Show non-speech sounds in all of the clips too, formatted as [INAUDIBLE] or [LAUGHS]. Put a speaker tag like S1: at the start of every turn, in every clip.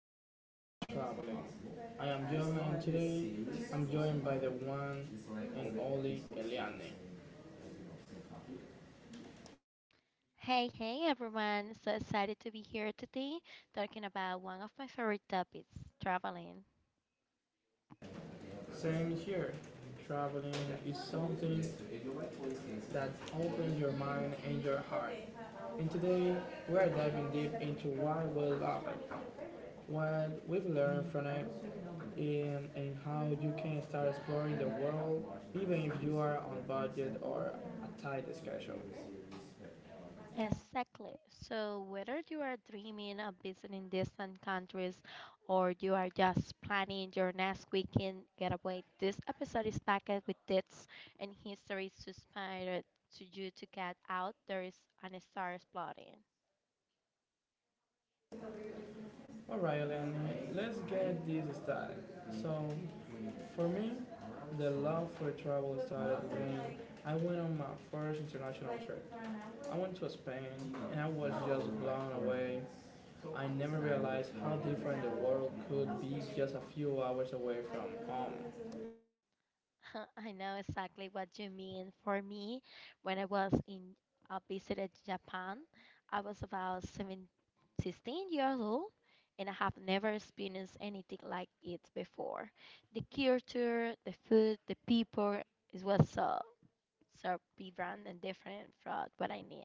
S1: of The Joy of Traveling. I am John and today I'm joined by the one and only Eliane.
S2: Hey, hey everyone! So excited to be here today talking about one of my favorite topics traveling.
S1: Same here. Traveling is something that opens your mind and your heart. And today we are diving deep into why we love it, what we've learned from it, and how you can start exploring the world even if you are on budget or a tight schedule.
S2: Exactly. So, whether you are dreaming of visiting distant countries or you are just planning your next weekend getaway, this episode is packed with tips and histories to inspire to you to get out there is and start exploring.
S1: All right, Elena, let's get this started. So, for me, the love for travel started when I went on my first international trip. I went to Spain and I was just blown away. I never realized how different the world could be just a few hours away from home.
S2: [LAUGHS] I know exactly what you mean. For me, when I was in, I visited Japan. I was about 16 years old, and I have never experienced anything like it before. The culture, the food, the people, it was so vibrant and different from what I knew.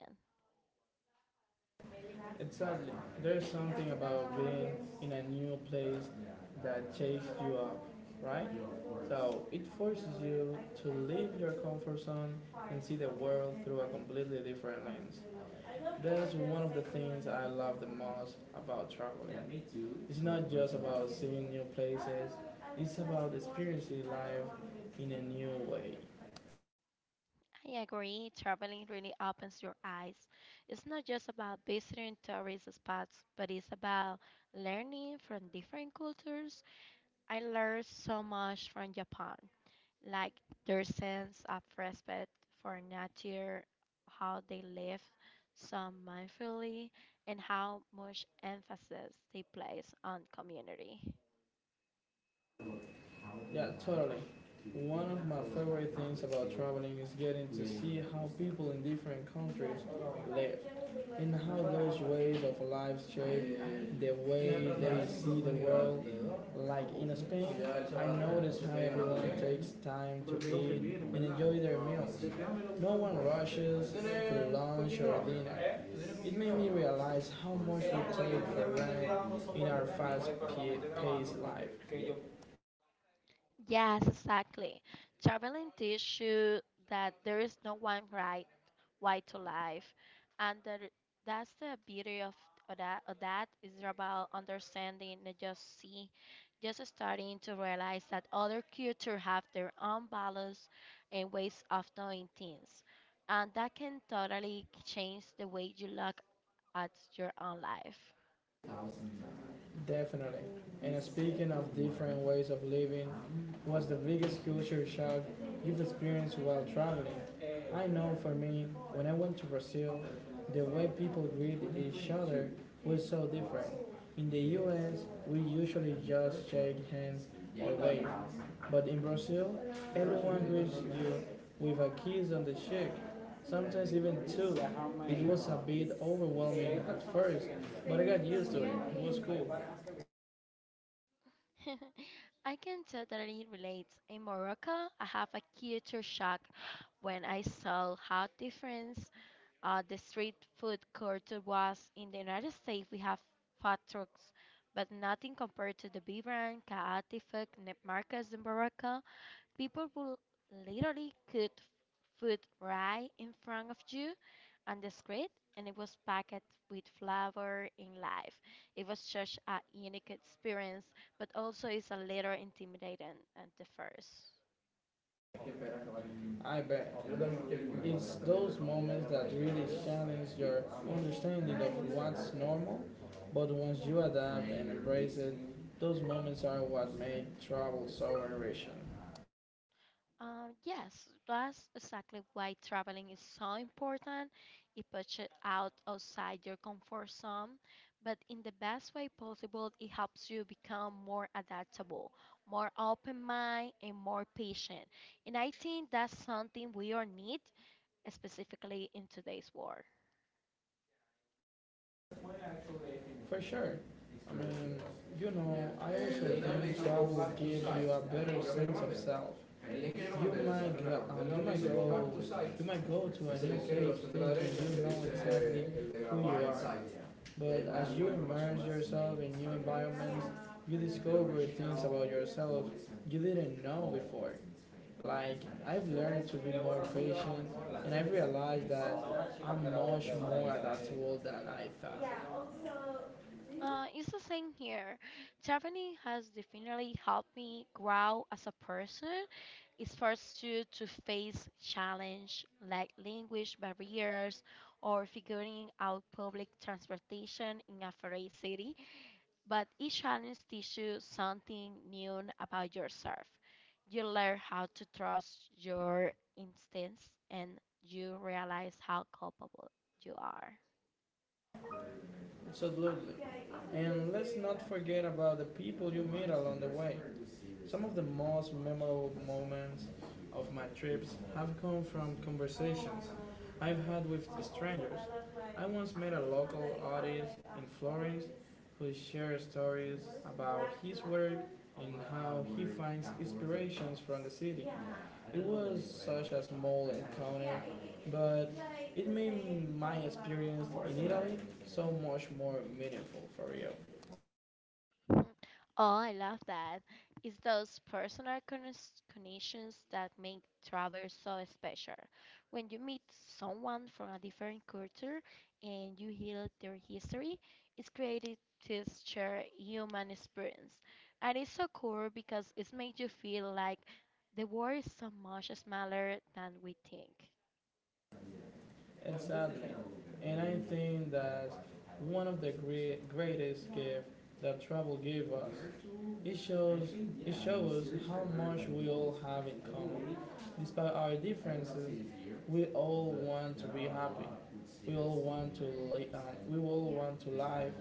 S1: Exactly. There's something about being in a new place that shakes you up, right? So it forces you to leave your comfort zone and see the world through a completely different lens. That's one of the things I love the most about traveling. It's not just about seeing new places, it's about experiencing life in a new way.
S2: I agree, traveling really opens your eyes. It's not just about visiting tourist spots, but it's about learning from different cultures. I learned so much from Japan, like their sense of respect for nature, how they live so mindfully, and how much emphasis they place on community.
S1: Yeah, totally. One of my favorite things about traveling is getting to see how people in different countries live and how those ways of life shape the way they see the world. Like in Spain, I noticed how everyone takes time to eat and enjoy their meals. No one rushes to lunch or dinner. It made me realize how much we take for granted in our fast-paced life.
S2: Yes, exactly. Traveling teaches you that there is no one right way to life, and that's the beauty of that. Of that is about understanding, not just see, just starting to realize that other cultures have their own values and ways of doing things, and that can totally change the way you look at your own life.
S1: Definitely. And speaking of different ways of living, what's the biggest culture shock you've experienced while traveling? I know for me, when I went to Brazil, the way people greet each other was so different. In the US, we usually just shake hands or wave. But in Brazil, everyone greets you with a kiss on the cheek sometimes even two. It was a bit overwhelming at first, but I got used to it. It was cool.
S2: [LAUGHS] I can totally relate. In Morocco, I have a culture shock when I saw how different the street food culture was. In the United States, we have food trucks, but nothing compared to the vibrant, chaotic markets in Morocco. People will literally cook food right in front of you on the street, and it was packed with flavor in life. It was such a unique experience, but also it's a little intimidating at the first.
S1: I bet. It's those moments that really challenge your understanding of what's normal, but once you adapt and embrace it, those moments are what make travel so enriching.
S2: Yes, that's exactly why traveling is so important. It puts you out outside your comfort zone, but in the best way possible, it helps you become more adaptable, more open mind, and more patient. And I think that's something we all need, specifically in today's world.
S1: For sure. I mean, I also think that will give you a better sense of self. You might, go, um, you might go, you might go to a new place thinking you know exactly who you are. But as you immerse yourself in new environments, you discover things about yourself you didn't know before. Like, I've learned to be more patient, and I realized that I'm much more adaptable than I thought.
S2: It's the same here. Traveling has definitely helped me grow as a person. It forced you to face challenge like language barriers or figuring out public transportation in a foreign city. But each challenge teaches you something new about yourself. You learn how to trust your instincts and you realize how culpable you are.
S1: Absolutely. And let's not forget about the people you meet along the way. Some of the most memorable moments of my trips have come from conversations I've had with strangers. I once met a local artist in Florence who shared stories about his work and how he finds inspirations from the city. It was such a small encounter, but it made my experience in Italy so much more meaningful for real.
S2: Mhm. Oh, I love that. It's those personal connections that make travel so special. When you meet someone from a different culture and you hear their history, it's created this shared human experience. And it's so cool because it makes you feel like the world is so much smaller than we think.
S1: Exactly. And I think that one of the greatest gift that travel gave us, it shows, it shows how much we all have in common. Despite our differences, we all want to be happy. We all want to li- um, we all want to live.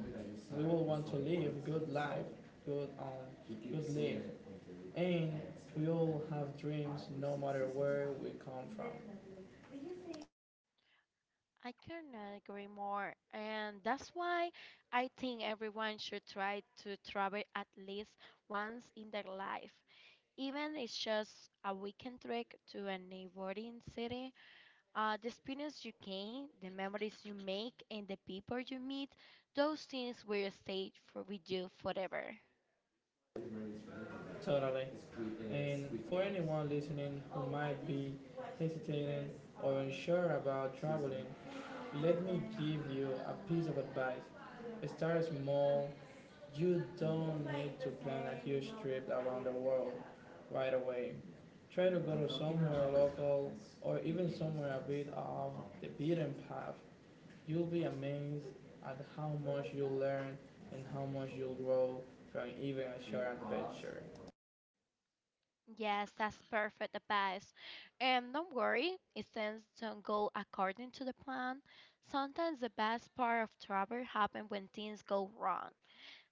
S1: We all want to live good life, good life. And we all have dreams, no matter where we come from.
S2: I cannot agree more. And that's why I think everyone should try to travel at least once in their life. Even it's just a weekend trip to a neighboring city. The experience you gain, the memories you make, and the people you meet, those things will stay for, with you forever.
S1: Totally. Yes, and for anyone listening who might be hesitating or unsure about traveling, let me give you a piece of advice. Start small. You don't need to plan a huge trip around the world right away. Try to go to somewhere local or even somewhere a bit off the beaten path. You'll be amazed at how much you'll learn and how much you'll grow from even a short adventure.
S2: Yes, that's perfect advice. And don't worry, if things don't go according to the plan, sometimes the best part of travel happens when things go wrong.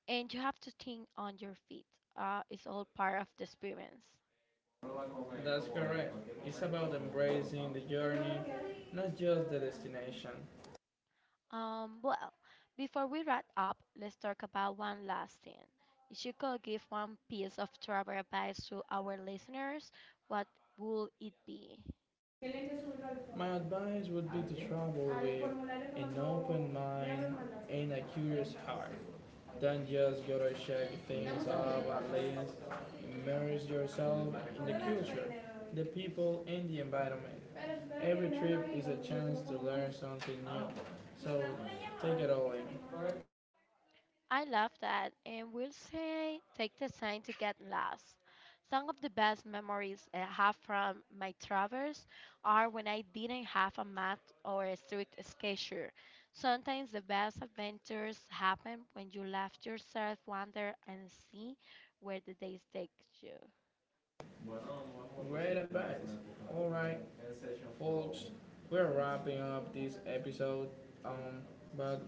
S2: And you have to think on your feet. It's all part of the experience.
S1: That's correct. It's about embracing the journey, not just the destination.
S2: Well, before we wrap up, let's talk about one last thing. If you could give one piece of travel advice to our listeners, what would it be?
S1: My advice would be to travel with an open mind and a curious heart. Don't just go to check things up and list. Immerse yourself in the culture, the people, and the environment. Every trip is a chance to learn something new, so take it all in.
S2: I love that, and we'll say take the time to get lost. Some of the best memories I have from my travels are when I didn't have a map or a strict schedule. Sometimes the best adventures happen when you let yourself wander and see where the days take you.
S1: Great advice. All right, folks, we're wrapping up this episode, um, but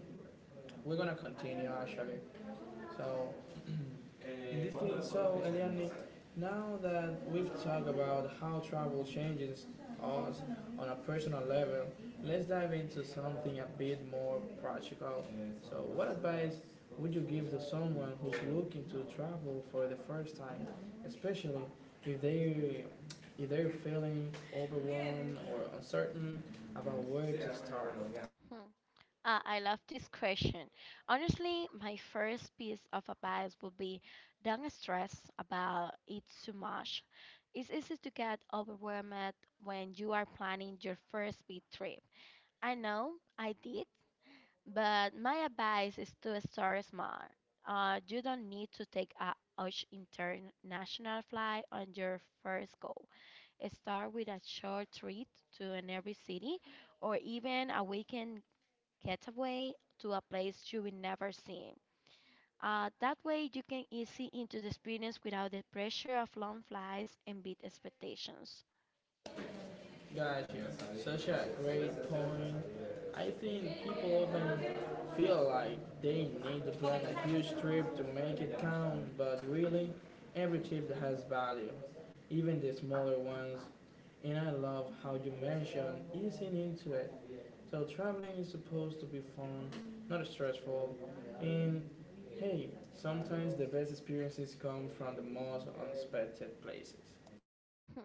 S1: we're gonna continue actually. So so, Eliane, now that we've talked about how travel changes us on a personal level, let's dive into something a bit more practical. So, what advice would you give to someone who's looking to travel for the first time, especially if they if they're feeling overwhelmed or uncertain about where to start?
S2: Hmm. Ah, I love this question. Honestly, my first piece of advice would be don't stress about it too much. It's easy to get overwhelmed when you are planning your first big trip. I know I did, but my advice is to start small. You don't need to take a huge international flight on your first go. Start with a short trip to an every city or even a weekend getaway to a place you will never see. That way, you can easy into the experience without the pressure of long flights and big expectations.
S1: Gotcha. Such a great point. I think people often feel like they need to plan a huge trip to make it count, but really, every trip has value, even the smaller ones. And I love how you mentioned easing into it. So traveling is supposed to be fun, not stressful. And hey, sometimes the best experiences come from the most unexpected places.
S2: Hmm,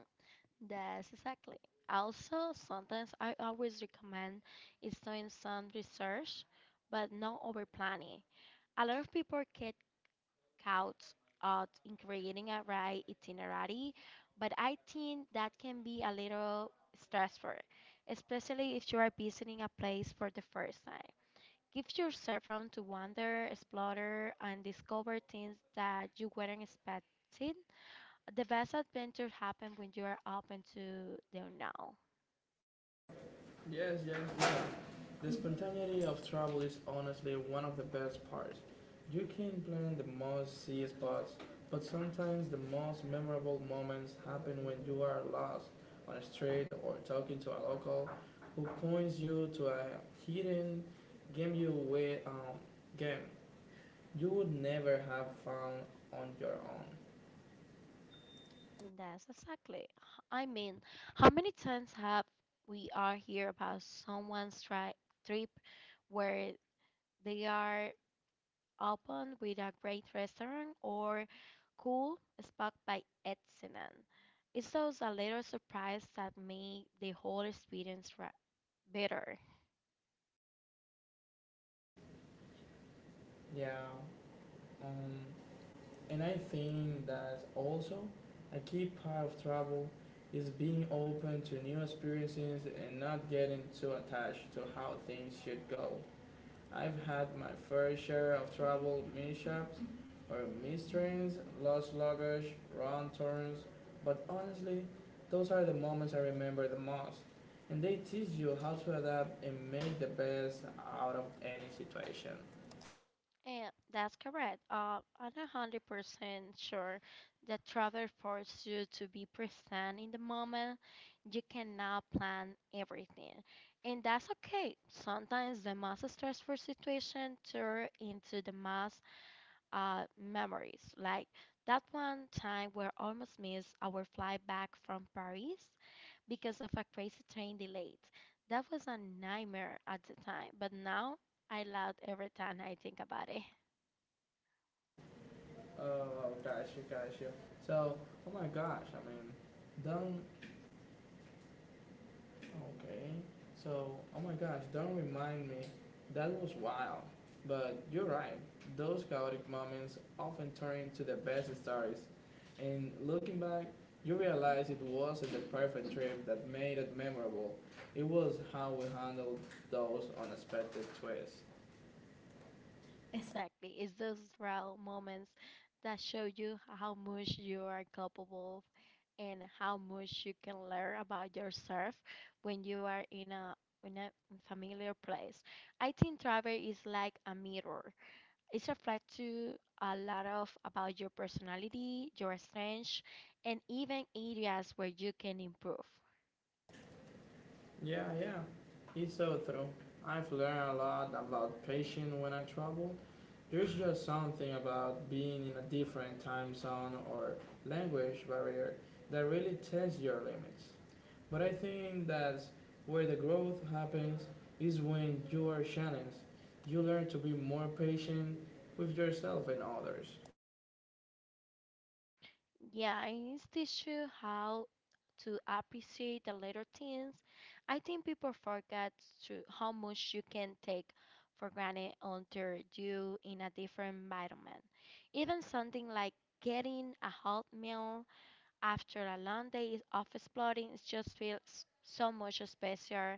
S2: that's exactly. Also, sometimes I always recommend is doing some research, but not over planning. A lot of people get caught out in creating a right itinerary, but I think that can be a little stressful, especially if you are visiting a place for the first time. Give yourself room to wander, explore, and discover things that you weren't expecting. The best adventures happen when you are open to the unknown.
S1: Yes, yes, yes. The spontaneity of travel is honestly one of the best parts. You can plan the most see spots, but sometimes the most memorable moments happen when you are lost on a street or talking to a local who points you to a hidden game you way um, game you would never have found on your own.
S2: That's exactly. I mean, how many times have we are hear about someone's trip where they are open with a great restaurant or cool spot by accident? It's those a little surprise that make the whole experience better.
S1: Yeah. Um, And I think that also a key part of travel is being open to new experiences and not getting too attached to how things should go. I've had my fair share of travel mishaps or mistrains, lost luggage, wrong turns, but honestly, those are the moments I remember the most. And they teach you how to adapt and make the best out of any situation.
S2: Yeah, that's correct. I'm 100% sure that travel forces you to be present in the moment. You cannot plan everything, and that's okay. Sometimes the most stressful situation turn into the most memories. Like that one time where almost missed our flight back from Paris because of a crazy train delay. That was a nightmare at the time, but now I laugh every time I think about it.
S1: Oh, gosh, gotcha, gotcha. So, oh my gosh, I mean, don't, okay. So, oh my gosh, don't remind me. That was wild. But you're right, those chaotic moments often turn into the best stories. And looking back, you realize it wasn't the perfect trip that made it memorable. It was how we handled those unexpected twists.
S2: Exactly. It's those raw moments that show you how much you are capable and how much you can learn about yourself when you are in a familiar place. I think travel is like a mirror. It reflects you a lot of about your personality, your strengths, and even areas where you can improve.
S1: Yeah, yeah, it's so true. I've learned a lot about patience when I travel. There's just something about being in a different time zone or language barrier that really tests your limits. But I think that's where the growth happens is when you are challenged. You learn to be more patient with yourself and others.
S2: Yeah, and it's teach you how to appreciate the little things. I think people forget to how much you can take for granted until you in a different environment. Even something like getting a hot meal after a long day of exploring it just feels so much special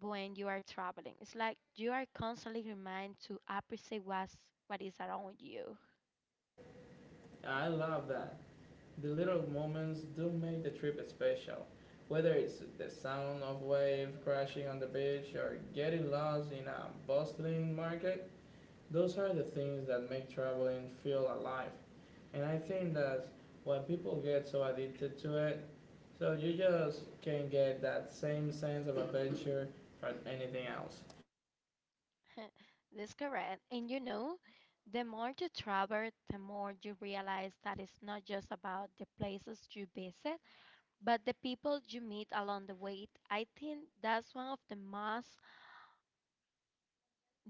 S2: when you are traveling. It's like you are constantly reminded to appreciate what is around you.
S1: I love that. The little moments do make the trip special. Whether it's the sound of waves crashing on the beach or getting lost in a bustling market, those are the things that make traveling feel alive. And I think that when people get so addicted to it, so you just can get that same sense of adventure from anything else.
S2: [LAUGHS] That's correct. And you know, the more you travel, the more you realize that it's not just about the places you visit, but the people you meet along the way. I think that's one of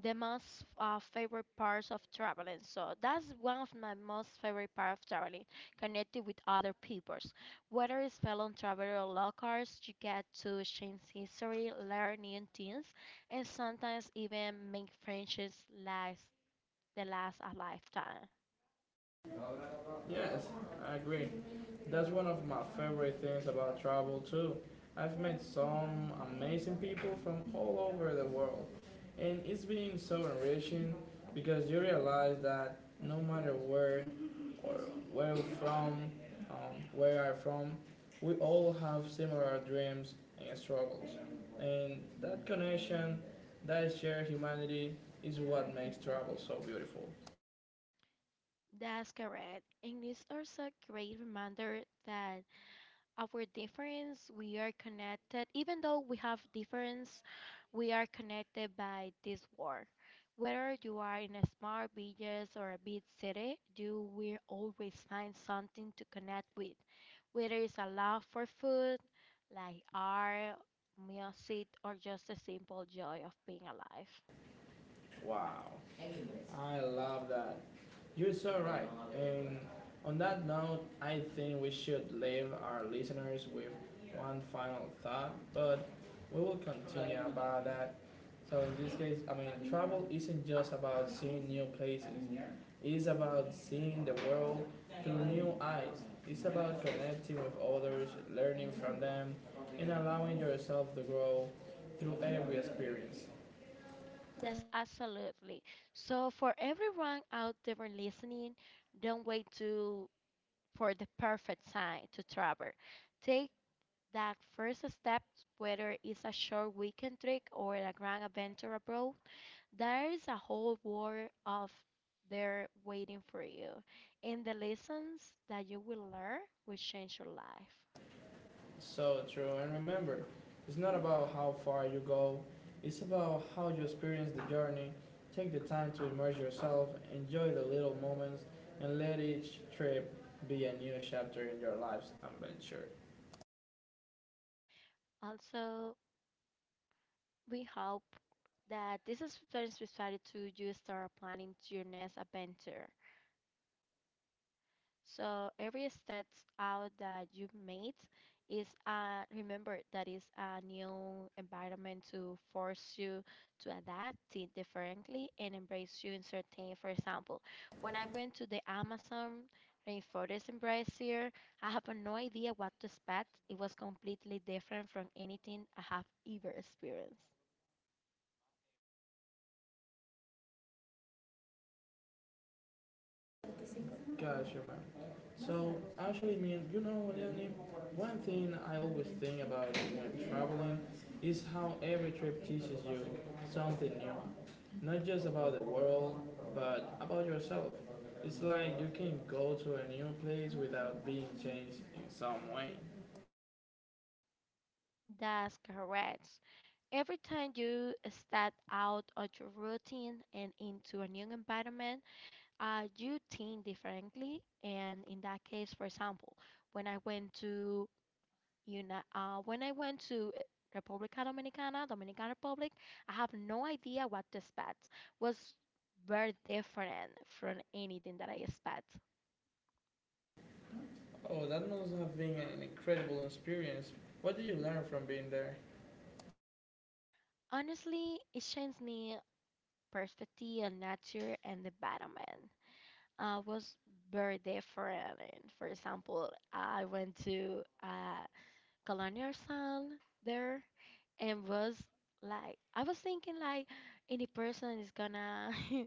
S2: the most favorite parts of traveling. So that's one of my most favorite part of traveling, connecting with other peoples. Whether it's fellow traveler or locals, you get to exchange history, learn new things, and sometimes even make friendships last that lasts a lifetime.
S1: Yes, I agree. That's one of my favorite things about travel too. I've met some amazing people from all over the world, and it's been so enriching because you realize that no matter or where we're from, um, where I'm from, we all have similar dreams and struggles, and that connection, that shared humanity, is what makes travel so beautiful.
S2: That's correct. And it's also a great reminder that our difference, we are connected. Even though we have difference, we are connected by this war. Whether you are in a small village or a big city, you will always find something to connect with. Whether it's a love for food, like art, music, or just a simple joy of being alive.
S1: Wow. I love that. You're so right. And on that note, I think we should leave our listeners with one final thought, but we will continue about that. So in this case, I mean, travel isn't just about seeing new places. It's about seeing the world through new eyes. It's about connecting with others, learning from them, and allowing yourself to grow through every experience.
S2: That's absolutely. So for everyone out there listening, don't wait to for the perfect time to travel. Take that first step, whether it's a short weekend trip or a grand adventure abroad. There is a whole world of there waiting for you, and the lessons that you will learn will change your life.
S1: So true. And remember, it's not about how far you go, it's about how you experience the journey. Take the time to immerse yourself, enjoy the little moments, and let each trip be a new chapter in your life's adventure.
S2: Also, we hope that this is very specific to you start planning to your next adventure. So every step out that you made is remember that is a new environment to force you to adapt it differently and embrace you in certain for example when I went to the Amazon rainforest in Brazil I have no idea what to expect it was completely different from anything I have ever experienced.
S1: Gotcha, man. So actually, mean, you know, Lenny, one thing I always think about when traveling is how every trip teaches you something new, not just about the world, but about yourself. It's like you can go to a new place without being changed in some way.
S2: That's correct. Every time you step out of your routine and into a new environment I do think differently, and in that case, for example, when I went to when I went to República Dominicana, Dominican Republic, I have no idea what to expect. Was very different from anything that I expect.
S1: Oh, that must have been an incredible experience. What did you learn from being there?
S2: Honestly, it changed me perspective on nature and the environment. Was very different. And for example, I went to Kalanyar san there and was like I was thinking like any person is gonna. [LAUGHS]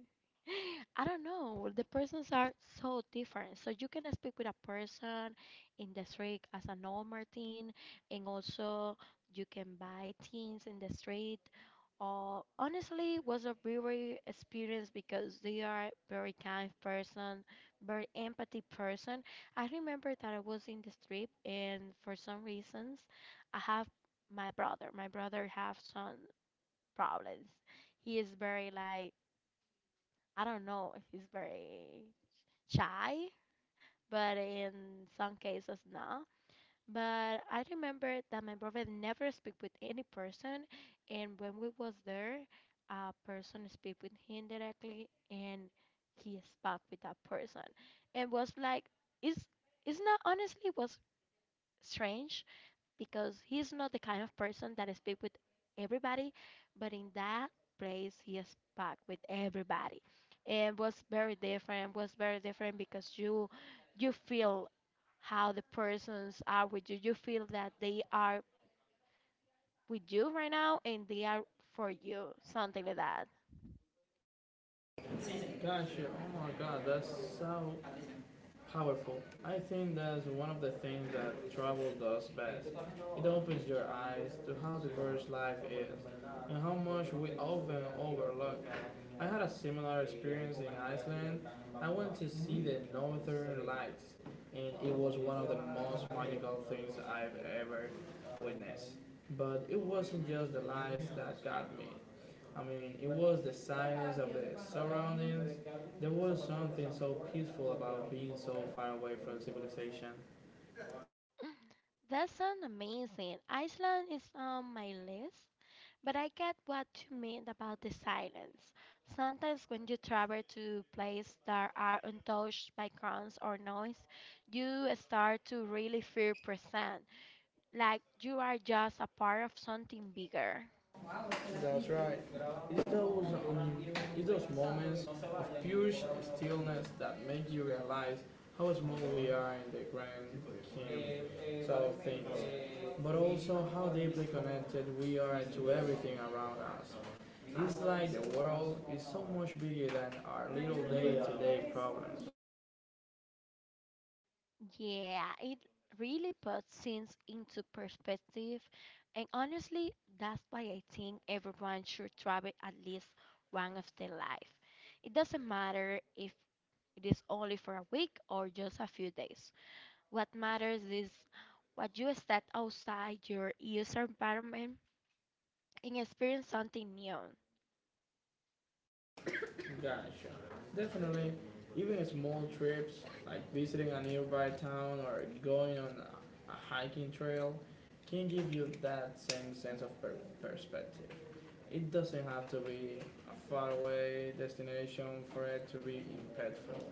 S2: I don't know. The persons are so different. So you can speak with a person in the street as a normal thing, and also you can buy things in the street. Or honestly, it was a very experience because they are very kind person, very empathy person, I remember that I was in this trip, and for some reasons, I have my brother. My brother have some problems. He is very like I don't know. He's very shy, but in some cases not. But I remember that my brother never speak with any person, and when we was there, a person speak with him directly, and he spoke with that person, and was like, it's it's not. Honestly, it was strange because he's not the kind of person that speak with everybody, but in that place he spoke with everybody. And was very different, because you feel how the persons are with you. You feel that they are with you right now and they are for you, something like that.
S1: Gotcha. Oh my God, that's so powerful. I think that's one of the things that travel does best. It opens your eyes to how diverse life is and how much we often overlook. I had a similar experience in Iceland. I went to see the northern lights, and it was one of the most magical things I've ever witnessed. But it wasn't just the lights that got me. I mean, it was the silence of the surroundings, there was something so peaceful about being so far away from civilization.
S2: That sounds amazing. Iceland is on my list. But I get what you mean about the silence. Sometimes when you travel to places that are untouched by crowds or noise, you start to really feel present, like you are just a part of something bigger.
S1: That's right. It's those, um, it's those moments of pure stillness that make you realize how small we are in the grand scheme of things, but also how deeply connected we are to everything around us. It's like the world is so much bigger than our little day-to-day problems.
S2: Yeah, it really puts things into perspective, and honestly, that's why I think everyone should travel at least one of their life. It doesn't matter if it is only for a week or just a few days. What matters is what you step outside your user environment and experience something new.
S1: Gotcha. Definitely, even small trips like visiting a nearby town or going on a hiking trail can give you that same sense of perspective. It doesn't have to be a faraway destination for it to be impactful.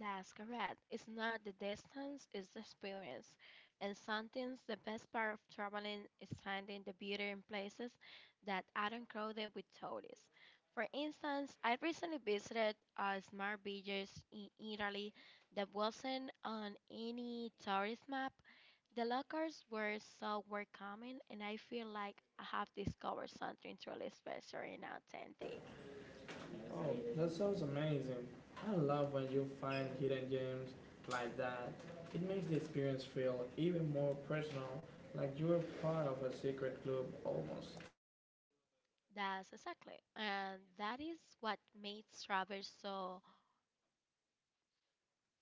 S2: That's correct. It's not the distance, it's the experience. And sometimes the best part of traveling is finding the beauty in places that aren't crowded with tourists. For instance, I recently visited a small village in Italy that wasn't on any tourist map. The locals were so welcoming, and I feel like I have discovered something truly special and authentic.
S1: Oh, that sounds amazing. I love when you find hidden gems like that. It makes the experience feel even more personal, like you're part of a secret club almost.
S2: That's exactly, and that is what makes travel so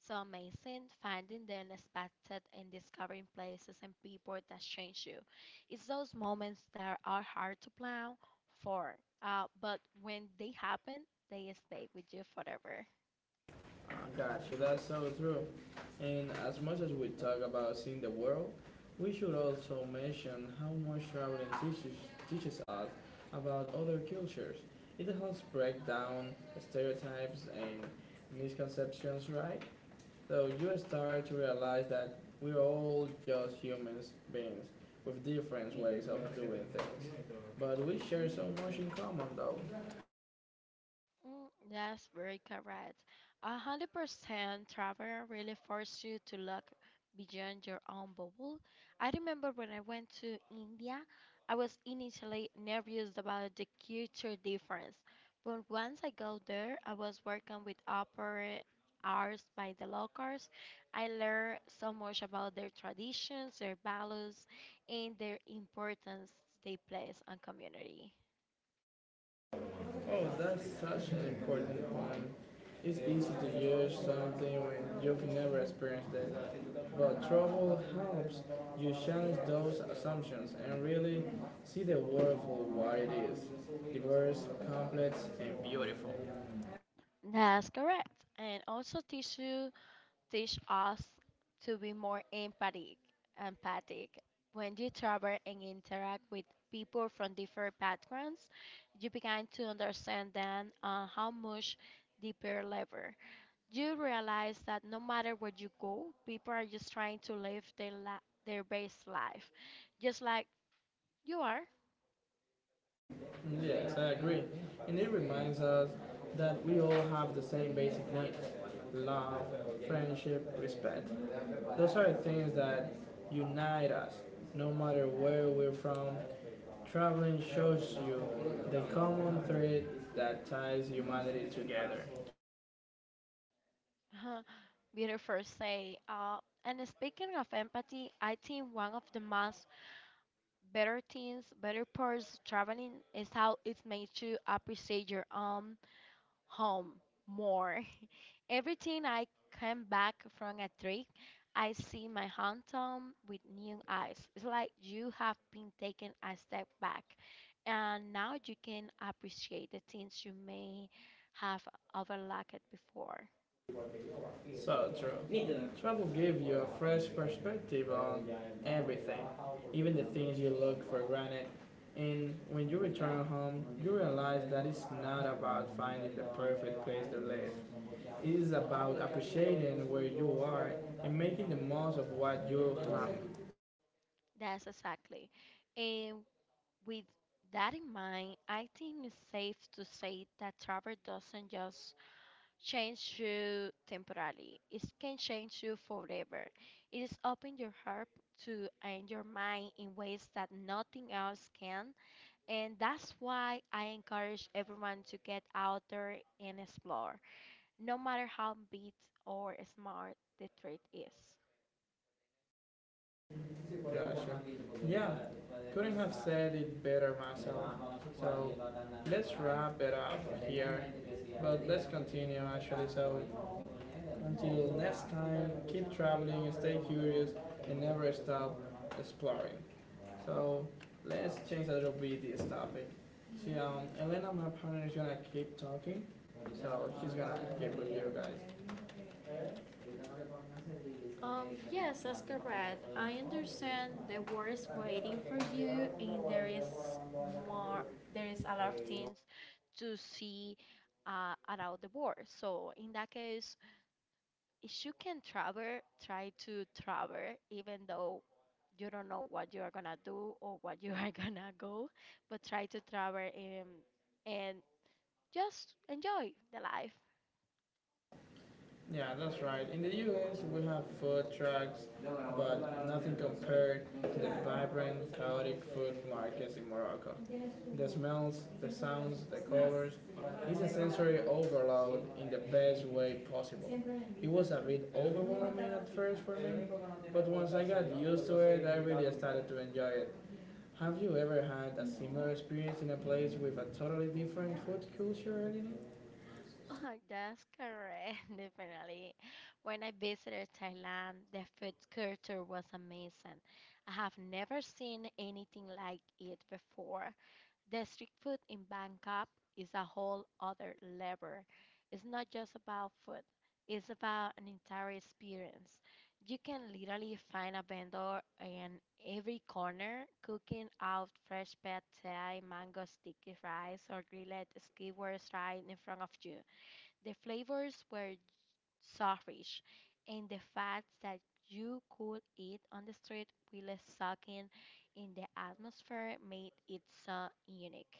S2: so amazing. Finding the unexpected and discovering places and people that change you. It's those moments that are hard to plan for, but when they happen, they stay with you forever.
S1: Got you. That's so true. And as much as we talk about seeing the world, we should also mention how much teaches us about other cultures. It helps break down stereotypes and misconceptions, right? So you start to realize that we're all just humans beings with different ways of doing things. But we share so much in common, though.
S2: Mm. That's very correct. 100% travel really forces you to look beyond your own bubble. I remember when I went to India, I was initially nervous about the culture difference, but once I got there, I was working with opera arts by the locals. I learned so much about their traditions, their values, and their importance they place on community.
S1: Oh, that's such an important point. It's easy to judge something when you've never experienced it. But trouble helps you challenge those assumptions and really see the world for what it is diverse, complex, and beautiful.
S2: That's correct. And also tissue teach us to be more empathic. When you travel and interact with people from different backgrounds, you begin to understand them on how much deeper level. You realize that no matter where you go, people are just trying to live their best life, just like you are.
S1: Yes, I agree. And it reminds us that we all have the same basic needs love, friendship, respect. Those are things that unite us, no matter where we're from. Traveling shows you the common thread that ties humanity together.
S2: [LAUGHS] Beautiful say. And speaking of empathy, I think one of the most better things, better parts, traveling is how it makes you appreciate your own home more. [LAUGHS] Every time I come back from a trip, I see my hometown with new eyes. It's like you have been taking a step back, and now you can appreciate the things you may have overlooked before.
S1: So true. Travel gives you a fresh perspective on everything, even the things you look for granted. And when you return home, you realize that it's not about finding the perfect place to live. It is about appreciating where you are and making the most of what you have.
S2: That's exactly. And with that in mind, I think it's safe to say that travel doesn't just change you temporarily. It can change you forever. It is open your heart to and your mind in ways that nothing else can. And that's why I encourage everyone to get out there and explore, no matter how big or smart the threat is.
S1: Joshua. Yeah, couldn't have said it better myself. So let's wrap it up here, but let's continue actually. So until next time, keep traveling stay curious and never stop exploring. So let's change a little bit this topic. See, Elena, my partner, is gonna keep talking, so she's gonna keep with you guys. Um,
S2: Yes,
S1: yes,
S2: that's
S1: that's correct.
S2: correct.
S1: I
S2: I
S1: understand
S2: understand the
S1: the world
S2: world
S1: is
S2: is waiting
S1: waiting
S2: for
S1: for you
S2: you, and
S1: and
S2: there
S1: there is
S2: is more,
S1: more, there
S2: there is
S1: is
S2: a
S1: a
S2: lot
S1: lot
S2: of
S1: of things.
S2: things to see around the world. So in that case, if you can travel, try to travel, even though you don't know what you are gonna do or what you are [LAUGHS] gonna go, but try to travel and just enjoy the life.
S1: Yeah, that's right. In the US, we have food trucks, but nothing compared to the vibrant, chaotic food markets in Morocco. The smells, the sounds, the colors, it's a sensory overload in the best way possible. It was a bit overwhelming at first for me, but once I got used to it, I really started to enjoy it. Have you ever had a similar experience in a place with a totally different food culture in it?
S2: Oh, that's correct, [LAUGHS] definitely. When I visited Thailand, the food culture was amazing. I have never seen anything like it before. The street food in Bangkok is a whole other level. It's not just about food, it's about an entire experience. You can literally find a vendor in every corner cooking out fresh pad thai, mango sticky rice, or grilled skewer right in front of you. The flavors were so rich, and the fact that you could eat on the street while soaking in the atmosphere made it so unique.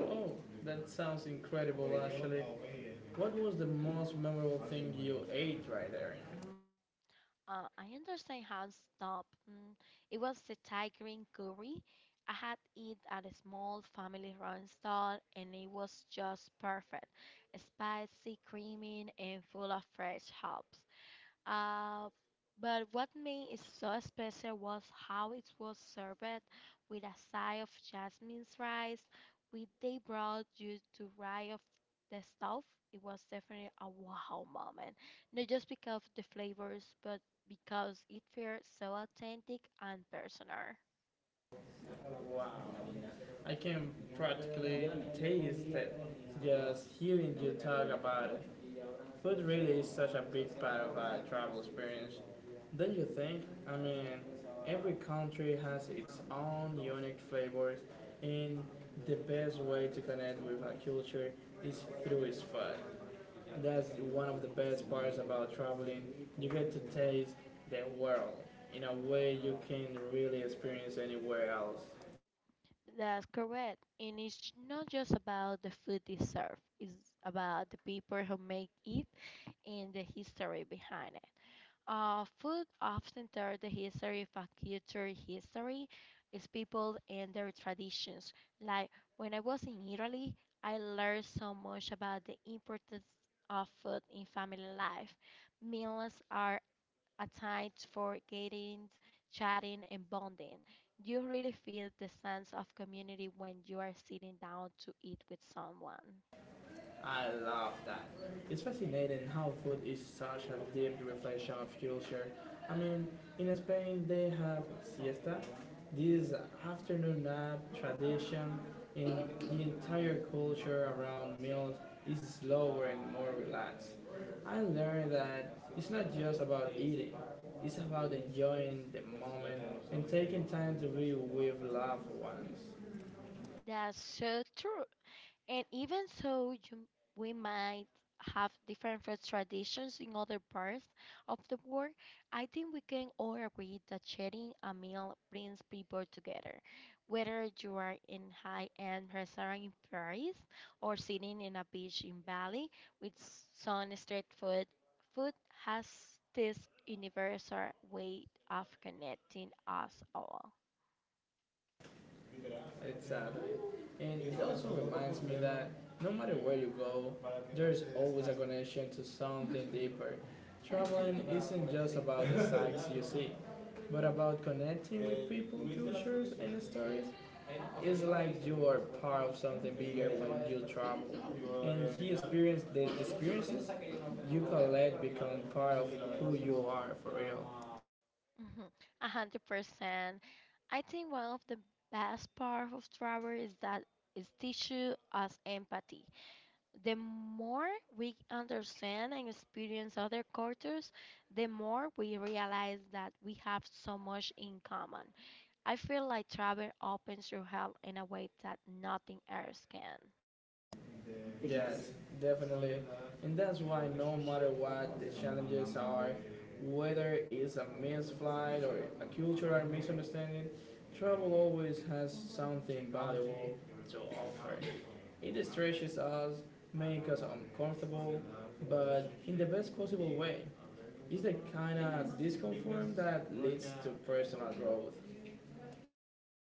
S1: Oh, that sounds incredible actually. What was the most memorable thing you ate right there?
S2: I understand how stop. It was the Thai green curry. I had it at a small family-run stall, and it was just perfect, spicy, creamy, and full of fresh herbs. Uh, but what made it so special was how it was served with a side of jasmine's rice, which they brought you to right off the stove. It was definitely a wow moment, not just because of the flavors, but because it felt so authentic and personal.
S1: Wow. I can practically taste it just hearing you talk about it. Food really is such a big part of our travel experience. Don't you think? I mean, every country has its own unique flavors, and the best way to connect with a culture is through its food. That's one of the best parts about traveling. You get to taste the world in a way you can really experience anywhere else.
S2: That's correct. And it's not just about the food itself, it's about the people who make it and the history behind it. Food often tells the history of a culture. History is people and their traditions. Like when I was in Italy, I learned so much about the importance of food in family life. Meals are a time for getting, chatting, and bonding. You really feel the sense of community when you are sitting down to eat with someone.
S1: I love that. It's fascinating how food is such a deep reflection of culture. I mean, in Spain they have siesta, this afternoon nap tradition, and the entire culture around meals is slower and more relaxed. I learned that it's not just about eating, it's about enjoying the moment and taking time to be with loved ones.
S2: That's so true. And even so, we might have different food traditions in other parts of the world. I think we can all agree that sharing a meal brings people together. Whether you are in high-end restaurant in Paris or sitting in a beach in Bali with some street food, food has this universal way of connecting us all.
S1: Exactly. And it also reminds me that no matter where you go, there's always a connection to something deeper. Traveling isn't just about the sights you see, but about connecting with people, cultures, and stories. It's like you are part of something bigger when you travel. And he experienced the experiences you collect become part of who you are for real.
S2: Mhm. 100%. I think one of the best part of travel is that it teaches us empathy. The more we understand and experience other cultures, the more we realize that we have so much in common. I feel like travel opens your heart in a way that nothing else can.
S1: Yes, definitely. And that's why no matter what the challenges are, whether it's a missed flight or a cultural misunderstanding, travel always has something valuable to offer. It stretches us, makes us uncomfortable, but in the best possible way. It's the kind of discomfort that leads to personal growth.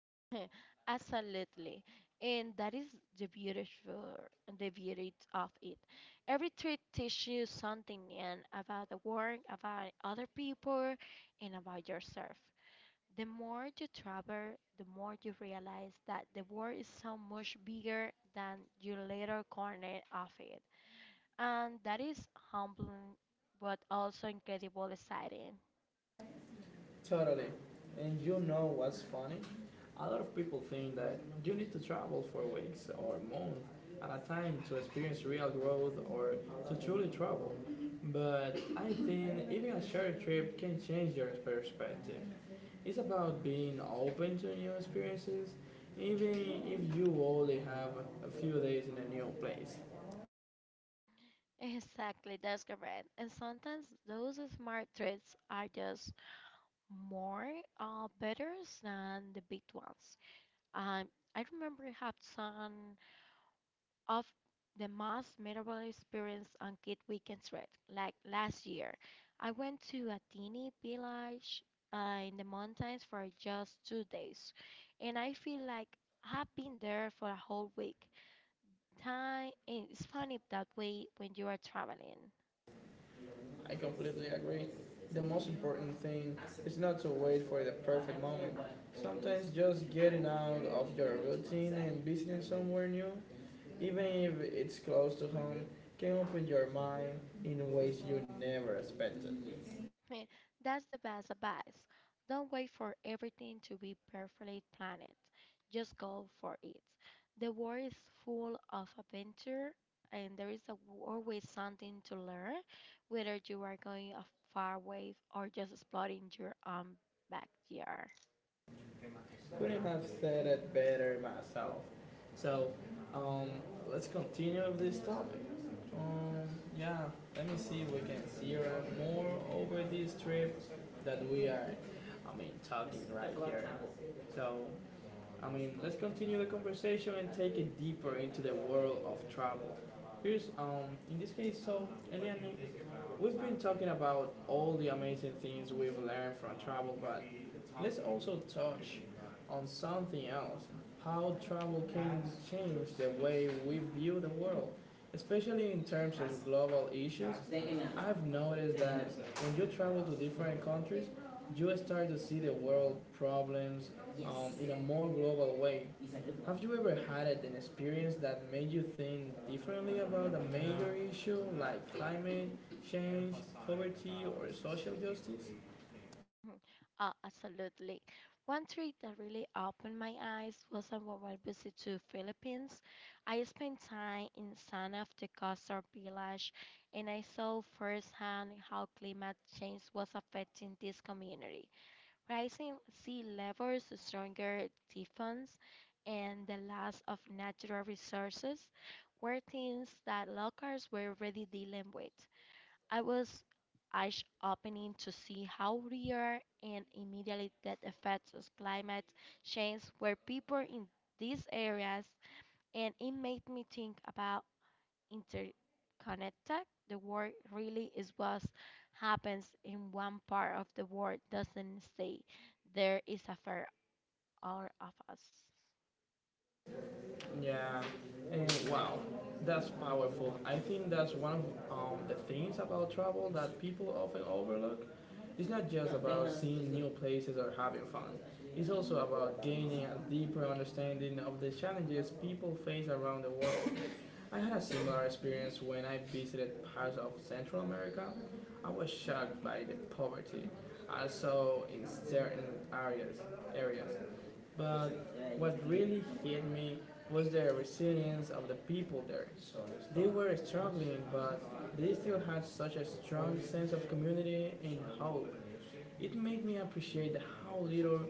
S2: [LAUGHS] Absolutely. And that is the beautiful, the beauty of it. Every trip teaches you something and about the world, about other people, and about yourself. The more you travel, the more you realize that the world is so much bigger than your little corner of it. And that is humbling, but also incredible exciting. [LAUGHS]
S1: Totally. And you know what's funny? A lot of people think that you need to travel for weeks or months at a time to experience real growth or to truly travel. But I think even a short trip can change your perspective. It's about being open to new experiences, even if you only have a few days in a new place.
S2: Exactly, that's correct. And sometimes those smart trips are just more betters than the big ones. Um, I remember I had some of the most memorable experience on Kid Weekend Trip, like last year. I went to a teeny village in the mountains for just 2 days, and I feel like I've been there for a whole week. Time, it's funny that way when you are traveling.
S1: I completely agree. The most important thing is not to wait for the perfect moment. Sometimes just getting out of your routine and visiting somewhere new, even if it's close to home, can open your mind in ways you never expected.
S2: Heh, that's the best advice. Don't wait for everything to be perfectly planned. Just go for it. The world is full of adventure, and there is always something to learn, whether you are going a far way or just exploring your own backyard.
S1: Couldn't have said it better myself. So, um, let's continue with this topic. Um, yeah, let me see if we can see around more over this trip that I mean, talking right here. So, I mean, let's continue the conversation and take it deeper into the world of travel. Here's, in this case, so, Eliane, we've been talking about all the amazing things we've learned from travel, but let's also touch on something else how travel can change the way we view the world, especially in terms of global issues. I've noticed that when you travel to different countries, you start to see the world problems yes, in a more global way. Have you ever had an experience that made you think differently about a major issue like climate change, poverty, or social justice?
S2: Mhm. Absolutely. One trip that really opened my eyes was on my visit to Philippines. I spent time in San of the Costa village and I saw firsthand how climate change was affecting this community. Rising sea levels, stronger typhoons, and the loss of natural resources were things that locals were already dealing with. I was eyes opening to see how real and immediately that effects of climate change were people in these areas, and it made me think about interconnected. The world really is what happens in one part of the world doesn't stay there is a fair all of us.
S1: Yeah, and wow, that's powerful. I think that's one of the things about travel that people often overlook. It's not just about seeing new places or having fun. It's also about gaining a deeper understanding of the challenges people face around the world. I had a similar experience when I visited parts of Central America. I was shocked by the poverty I saw in certain areas, areas, but what really hit me was the resilience of the people there. They were struggling, but they still had such a strong sense of community and hope. It made me appreciate how little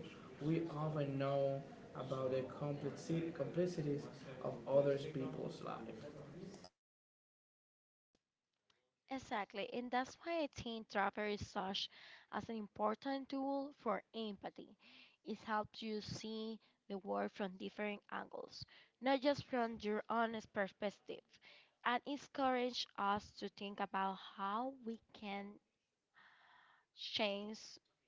S1: we often know about the complexities of other people's lives.
S2: Exactly, and that's why I think Trapper is such as an important tool for empathy. It helps you see the world from different angles, not just from your own perspective, and it encourages us to think about how we can change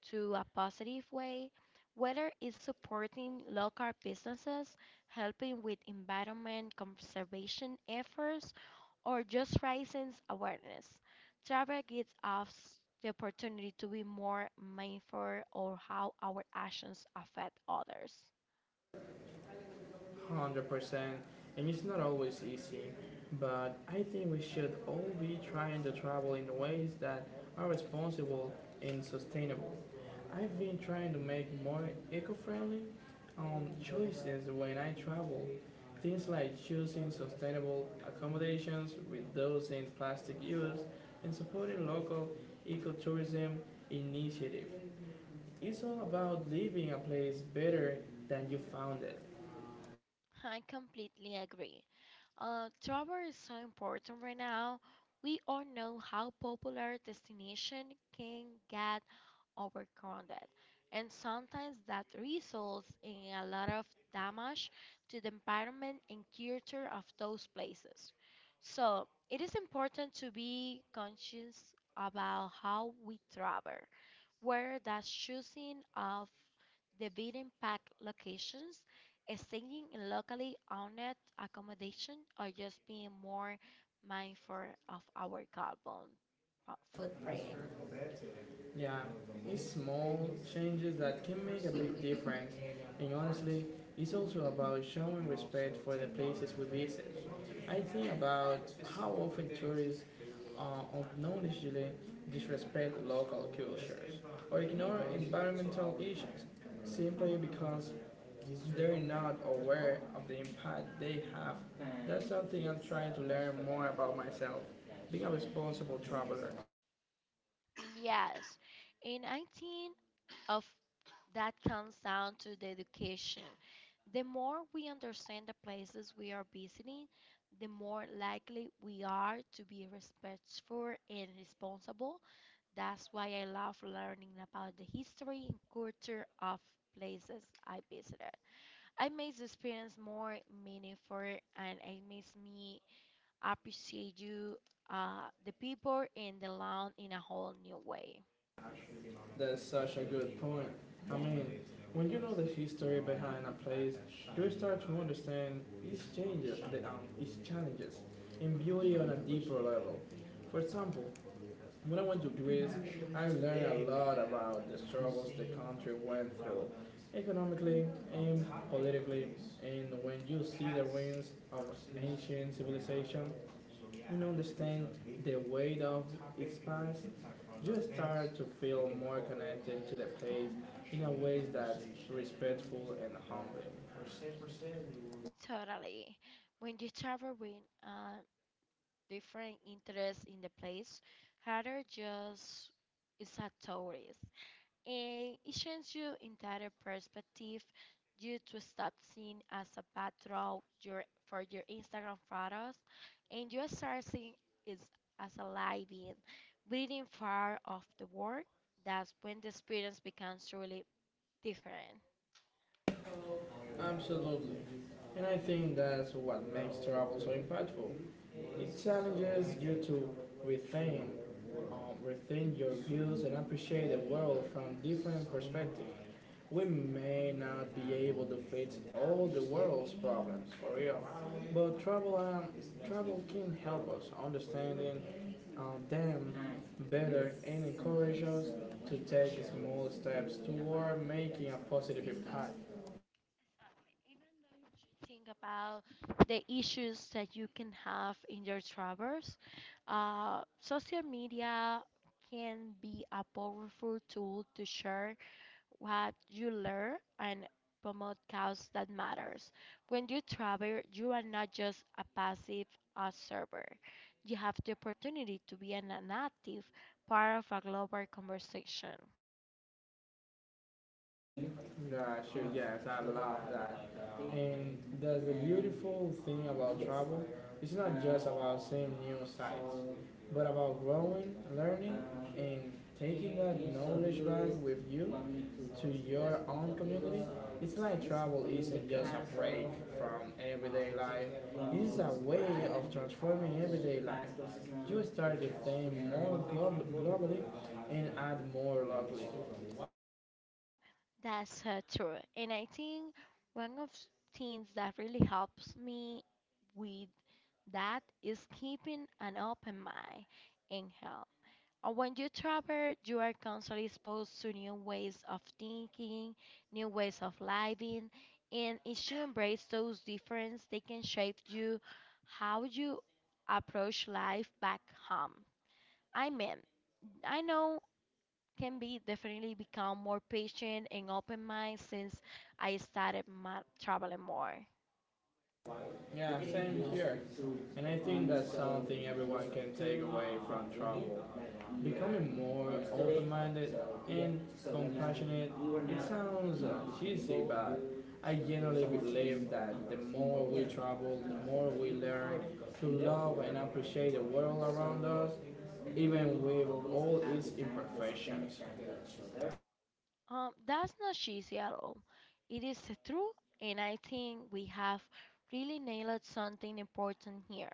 S2: to a positive way, whether it's supporting local businesses, helping with environment conservation efforts, or just raising awareness. Travel gives us the opportunity to be more mindful of how our actions affect others.
S1: 100%, and it's not always easy, but I think we should all be trying to travel in ways that are responsible and sustainable. I've been trying to make more eco-friendly choices when I travel, things like choosing sustainable accommodations, reducing plastic use, and supporting local ecotourism initiative. It's all about leaving a place better than you found it.
S2: I completely agree. Travel is so important right now. We all know how popular destination can get overcrowded, and sometimes that results in a lot of damage to the environment and culture of those places. So it is important to be conscious about how we travel where the choosing of the beaten path locations, staying in locally owned accommodation, or just being more mindful of our carbon footprint.
S1: Yeah, it's small changes that can make a big difference. And honestly, it's also about showing respect for the places we visit. I think about how often tourists uh, unknowingly disrespect local cultures or ignore environmental issues simply because they're not aware of the impact they have. That's something I'm trying to learn more about myself, being a responsible traveler.
S2: Yes, and I think of that comes down to the education. The more we understand the places we are visiting, the more likely we are to be respectful and responsible. That's why I love learning about the history and culture of places I visited. I makes the experience more meaningful and it makes me appreciate you, the people and the land in a whole new way.
S1: That's such a good point. I mean, when you know the history behind a place, you start to understand its changes, its challenges, and beauty on a deeper level. For example, when I went to Greece, I learned a lot about the struggles the country went through, economically and politically. And when you see the ruins of ancient civilization, and understand the weight of its past, you start to feel more connected to the place in a way that's respectful and humble.
S2: Totally. When you travel with uh, different interests in the place, rather just it's a tourist, and it changes your entire perspective. You to stop seeing as a backdrop your for your Instagram photos, and you start seeing it as a living, breathing far off the world. That's when the experience becomes truly different.
S1: Absolutely. And I think that's what makes travel so impactful. It challenges you to rethink, rethink your views and appreciate the world from different perspectives. We may not be able to fix all the world's problems for real, but travel can help us understanding them better and encourage us to take small steps toward making a positive impact.
S2: Think about the issues that you can have in your travels. Social media can be a powerful tool to share what you learn and promote cause that matters. When you travel, you are not just a passive observer. You have the opportunity to be an active part of a global conversation.
S1: Gotcha, yes, I love that. And that's the beautiful thing about travel. It's not just about seeing new sights, but about growing, learning, and taking that knowledge back with you to your own community. It's like travel isn't just a break from everyday life, it's a way of transforming everyday life. You start to think more globally and add more locally.
S2: That's true. And I think one of s- things that really helps me with that is keeping an open mind and health. When you travel, you are constantly exposed to new ways of thinking, new ways of living, and if you embrace those differences, they can shape you how you approach life back home. I mean, I know can be definitely become more patient and open mind since I started my traveling more.
S1: Yeah, same here. And I think that's something everyone can take away from travel. Becoming more open minded and compassionate. It sounds cheesy, but I generally believe that the more we travel, the more we learn to love and appreciate the world around us, even with all its imperfections.
S2: That's not easy at all. It is true, and I think we have really nailed something important here.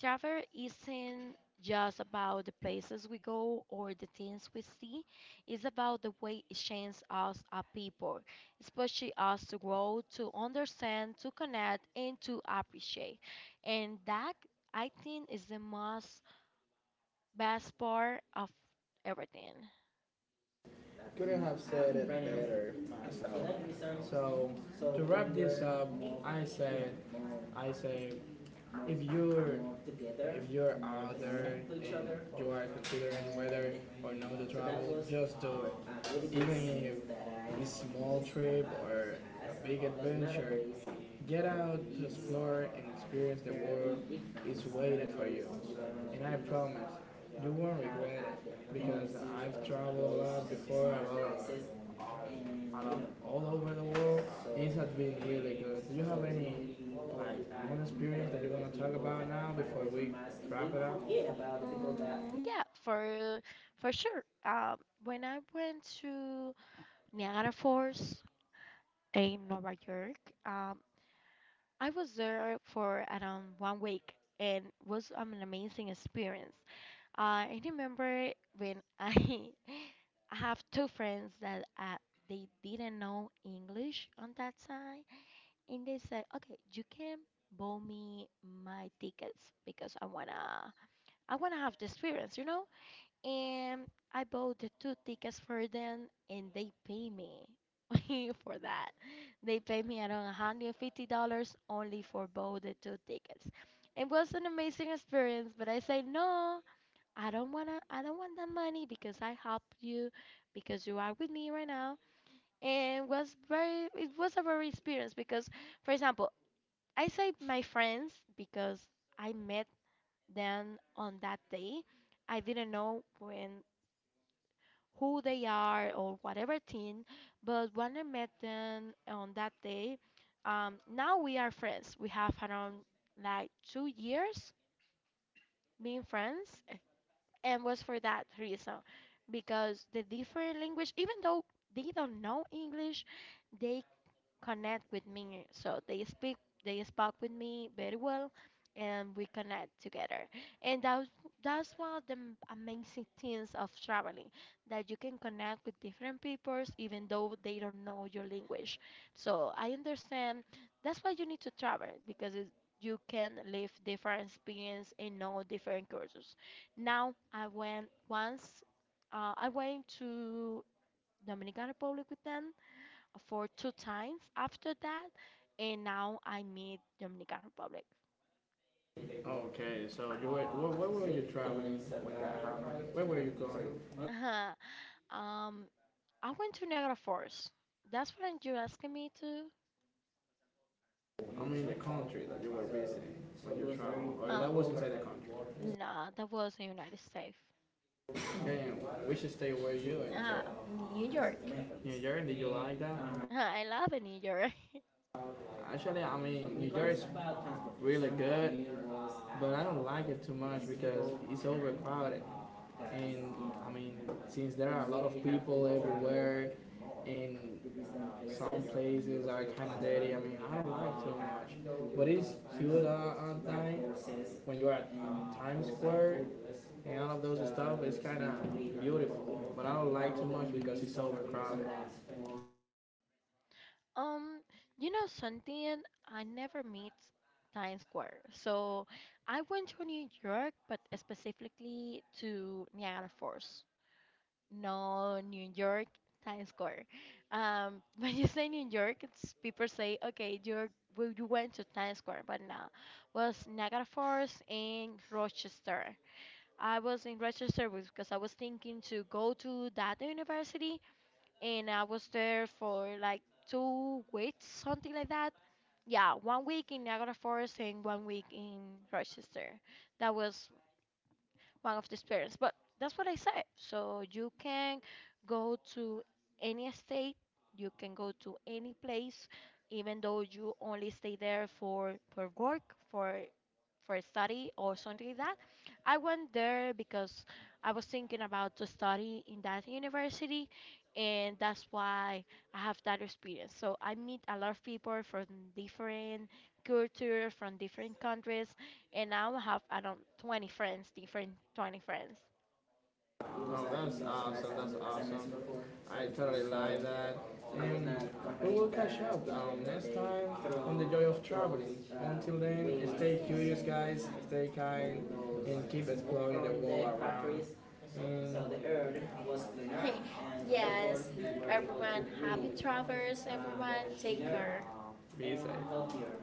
S2: Travel isn't just about the places we go or the things we see, it's about the way it changes us as people, especially us to grow, to understand, to connect, and to appreciate. And that, I think, is the most best part of everything.
S1: Couldn't have said it right, better myself. So to wrap this up, I said, I say, if you're if you're out there and you are considering whether or not to travel, just do it. Even if it's a small trip or a big adventure, get out to explore and experience the world is waiting for you. And I promise, you won't regret it because I've traveled a lot before. I'm all over the world. These have been really good. Do you have any like one experience that you want to talk about now before we wrap it up?
S2: Mm, yeah, for sure. When I went to Niagara Falls in Nova York, um, I was there for around 1 week and was an amazing experience. I remember when I [LAUGHS] I have two friends that they didn't know English on that time, and they said, "Okay, you can buy me my tickets because I wanna have the experience, you know." And I bought the two tickets for them, and they pay me [LAUGHS] for that. They pay me around $150 only for both the two tickets. It was an amazing experience, but I say no, I don't want that money because I helped you, because you are with me right now. And was very, it was a very experience because, for example, I say my friends because I met them on that day. I didn't know when who they are or whatever thing. But when I met them on that day, now we are friends. We have around like 2 years being friends, and was for that reason because the different language, even though they don't know English, they connect with me. So they speak, they spoke with me very well, and we connect together. And that's one of the m- amazing things of traveling, that you can connect with different peoples even though they don't know your language. So I understand that's why you need to travel because it, you can live different experience and know different cultures. Now I went once. I went to Dominican Republic with them for two times after that, and now I meet Dominican Republic.
S1: Okay, so you were, where were you traveling when that happened? Where were you going?
S2: [LAUGHS] Um, I went to Niagara Falls. That's what you're asking me to.
S1: I mean, the country that you were visiting when you traveled, or
S2: Uh,
S1: that was inside the country.
S2: nah, that was in the United States.
S1: Okay, and which state were you in?
S2: Ah, New
S1: New
S2: York.
S1: York. New York. Did you like that?
S2: [LAUGHS] I love New York. [LAUGHS]
S1: Actually, I mean, New York's really good, but I don't like it too much because it's overcrowded. And I mean, since there are a lot of people everywhere, and some places are kind of dirty, I mean, I don't like too much. But it's cute on time when you are at Times Square and all of those stuff. It's kind of beautiful, but I don't like too much because it's overcrowded.
S2: Um, you know something? I never meet Times Square. So I went to New York, but specifically to Niagara Falls. No, New York, Times Square. [LAUGHS] When you say New York, it's people say, okay, you're well, you went to Times Square, but no, was Niagara Falls in Rochester. I was in Rochester because I was thinking to go to that university, and I was there for like 2 weeks, something like that yeah, 1 week in Niagara Falls and 1 week in Rochester. That was one of these parents. But that's what I said. So you can go to any state, you can go to any place, even though you only stay there for work, for for study or something like that. I went there because I was thinking about to study in that university and that's why I have that experience. So I meet a lot of people from different culture, from different countries, and now I have around 20 friends, different 20 friends.
S1: Oh, that's awesome. That's awesome. I totally like that. And we will catch up next time on the joy of traveling. Until then, stay curious, guys. Stay kind and keep exploring the world around. Mm. So and the earth was cleaner.
S2: [LAUGHS]
S1: Okay.
S2: Yes,
S1: Yes, everyone,
S2: everyone, happy
S1: happy
S2: travels,
S1: travels,
S2: everyone,
S1: everyone, take
S2: take
S1: care.
S2: care.
S1: Be safe.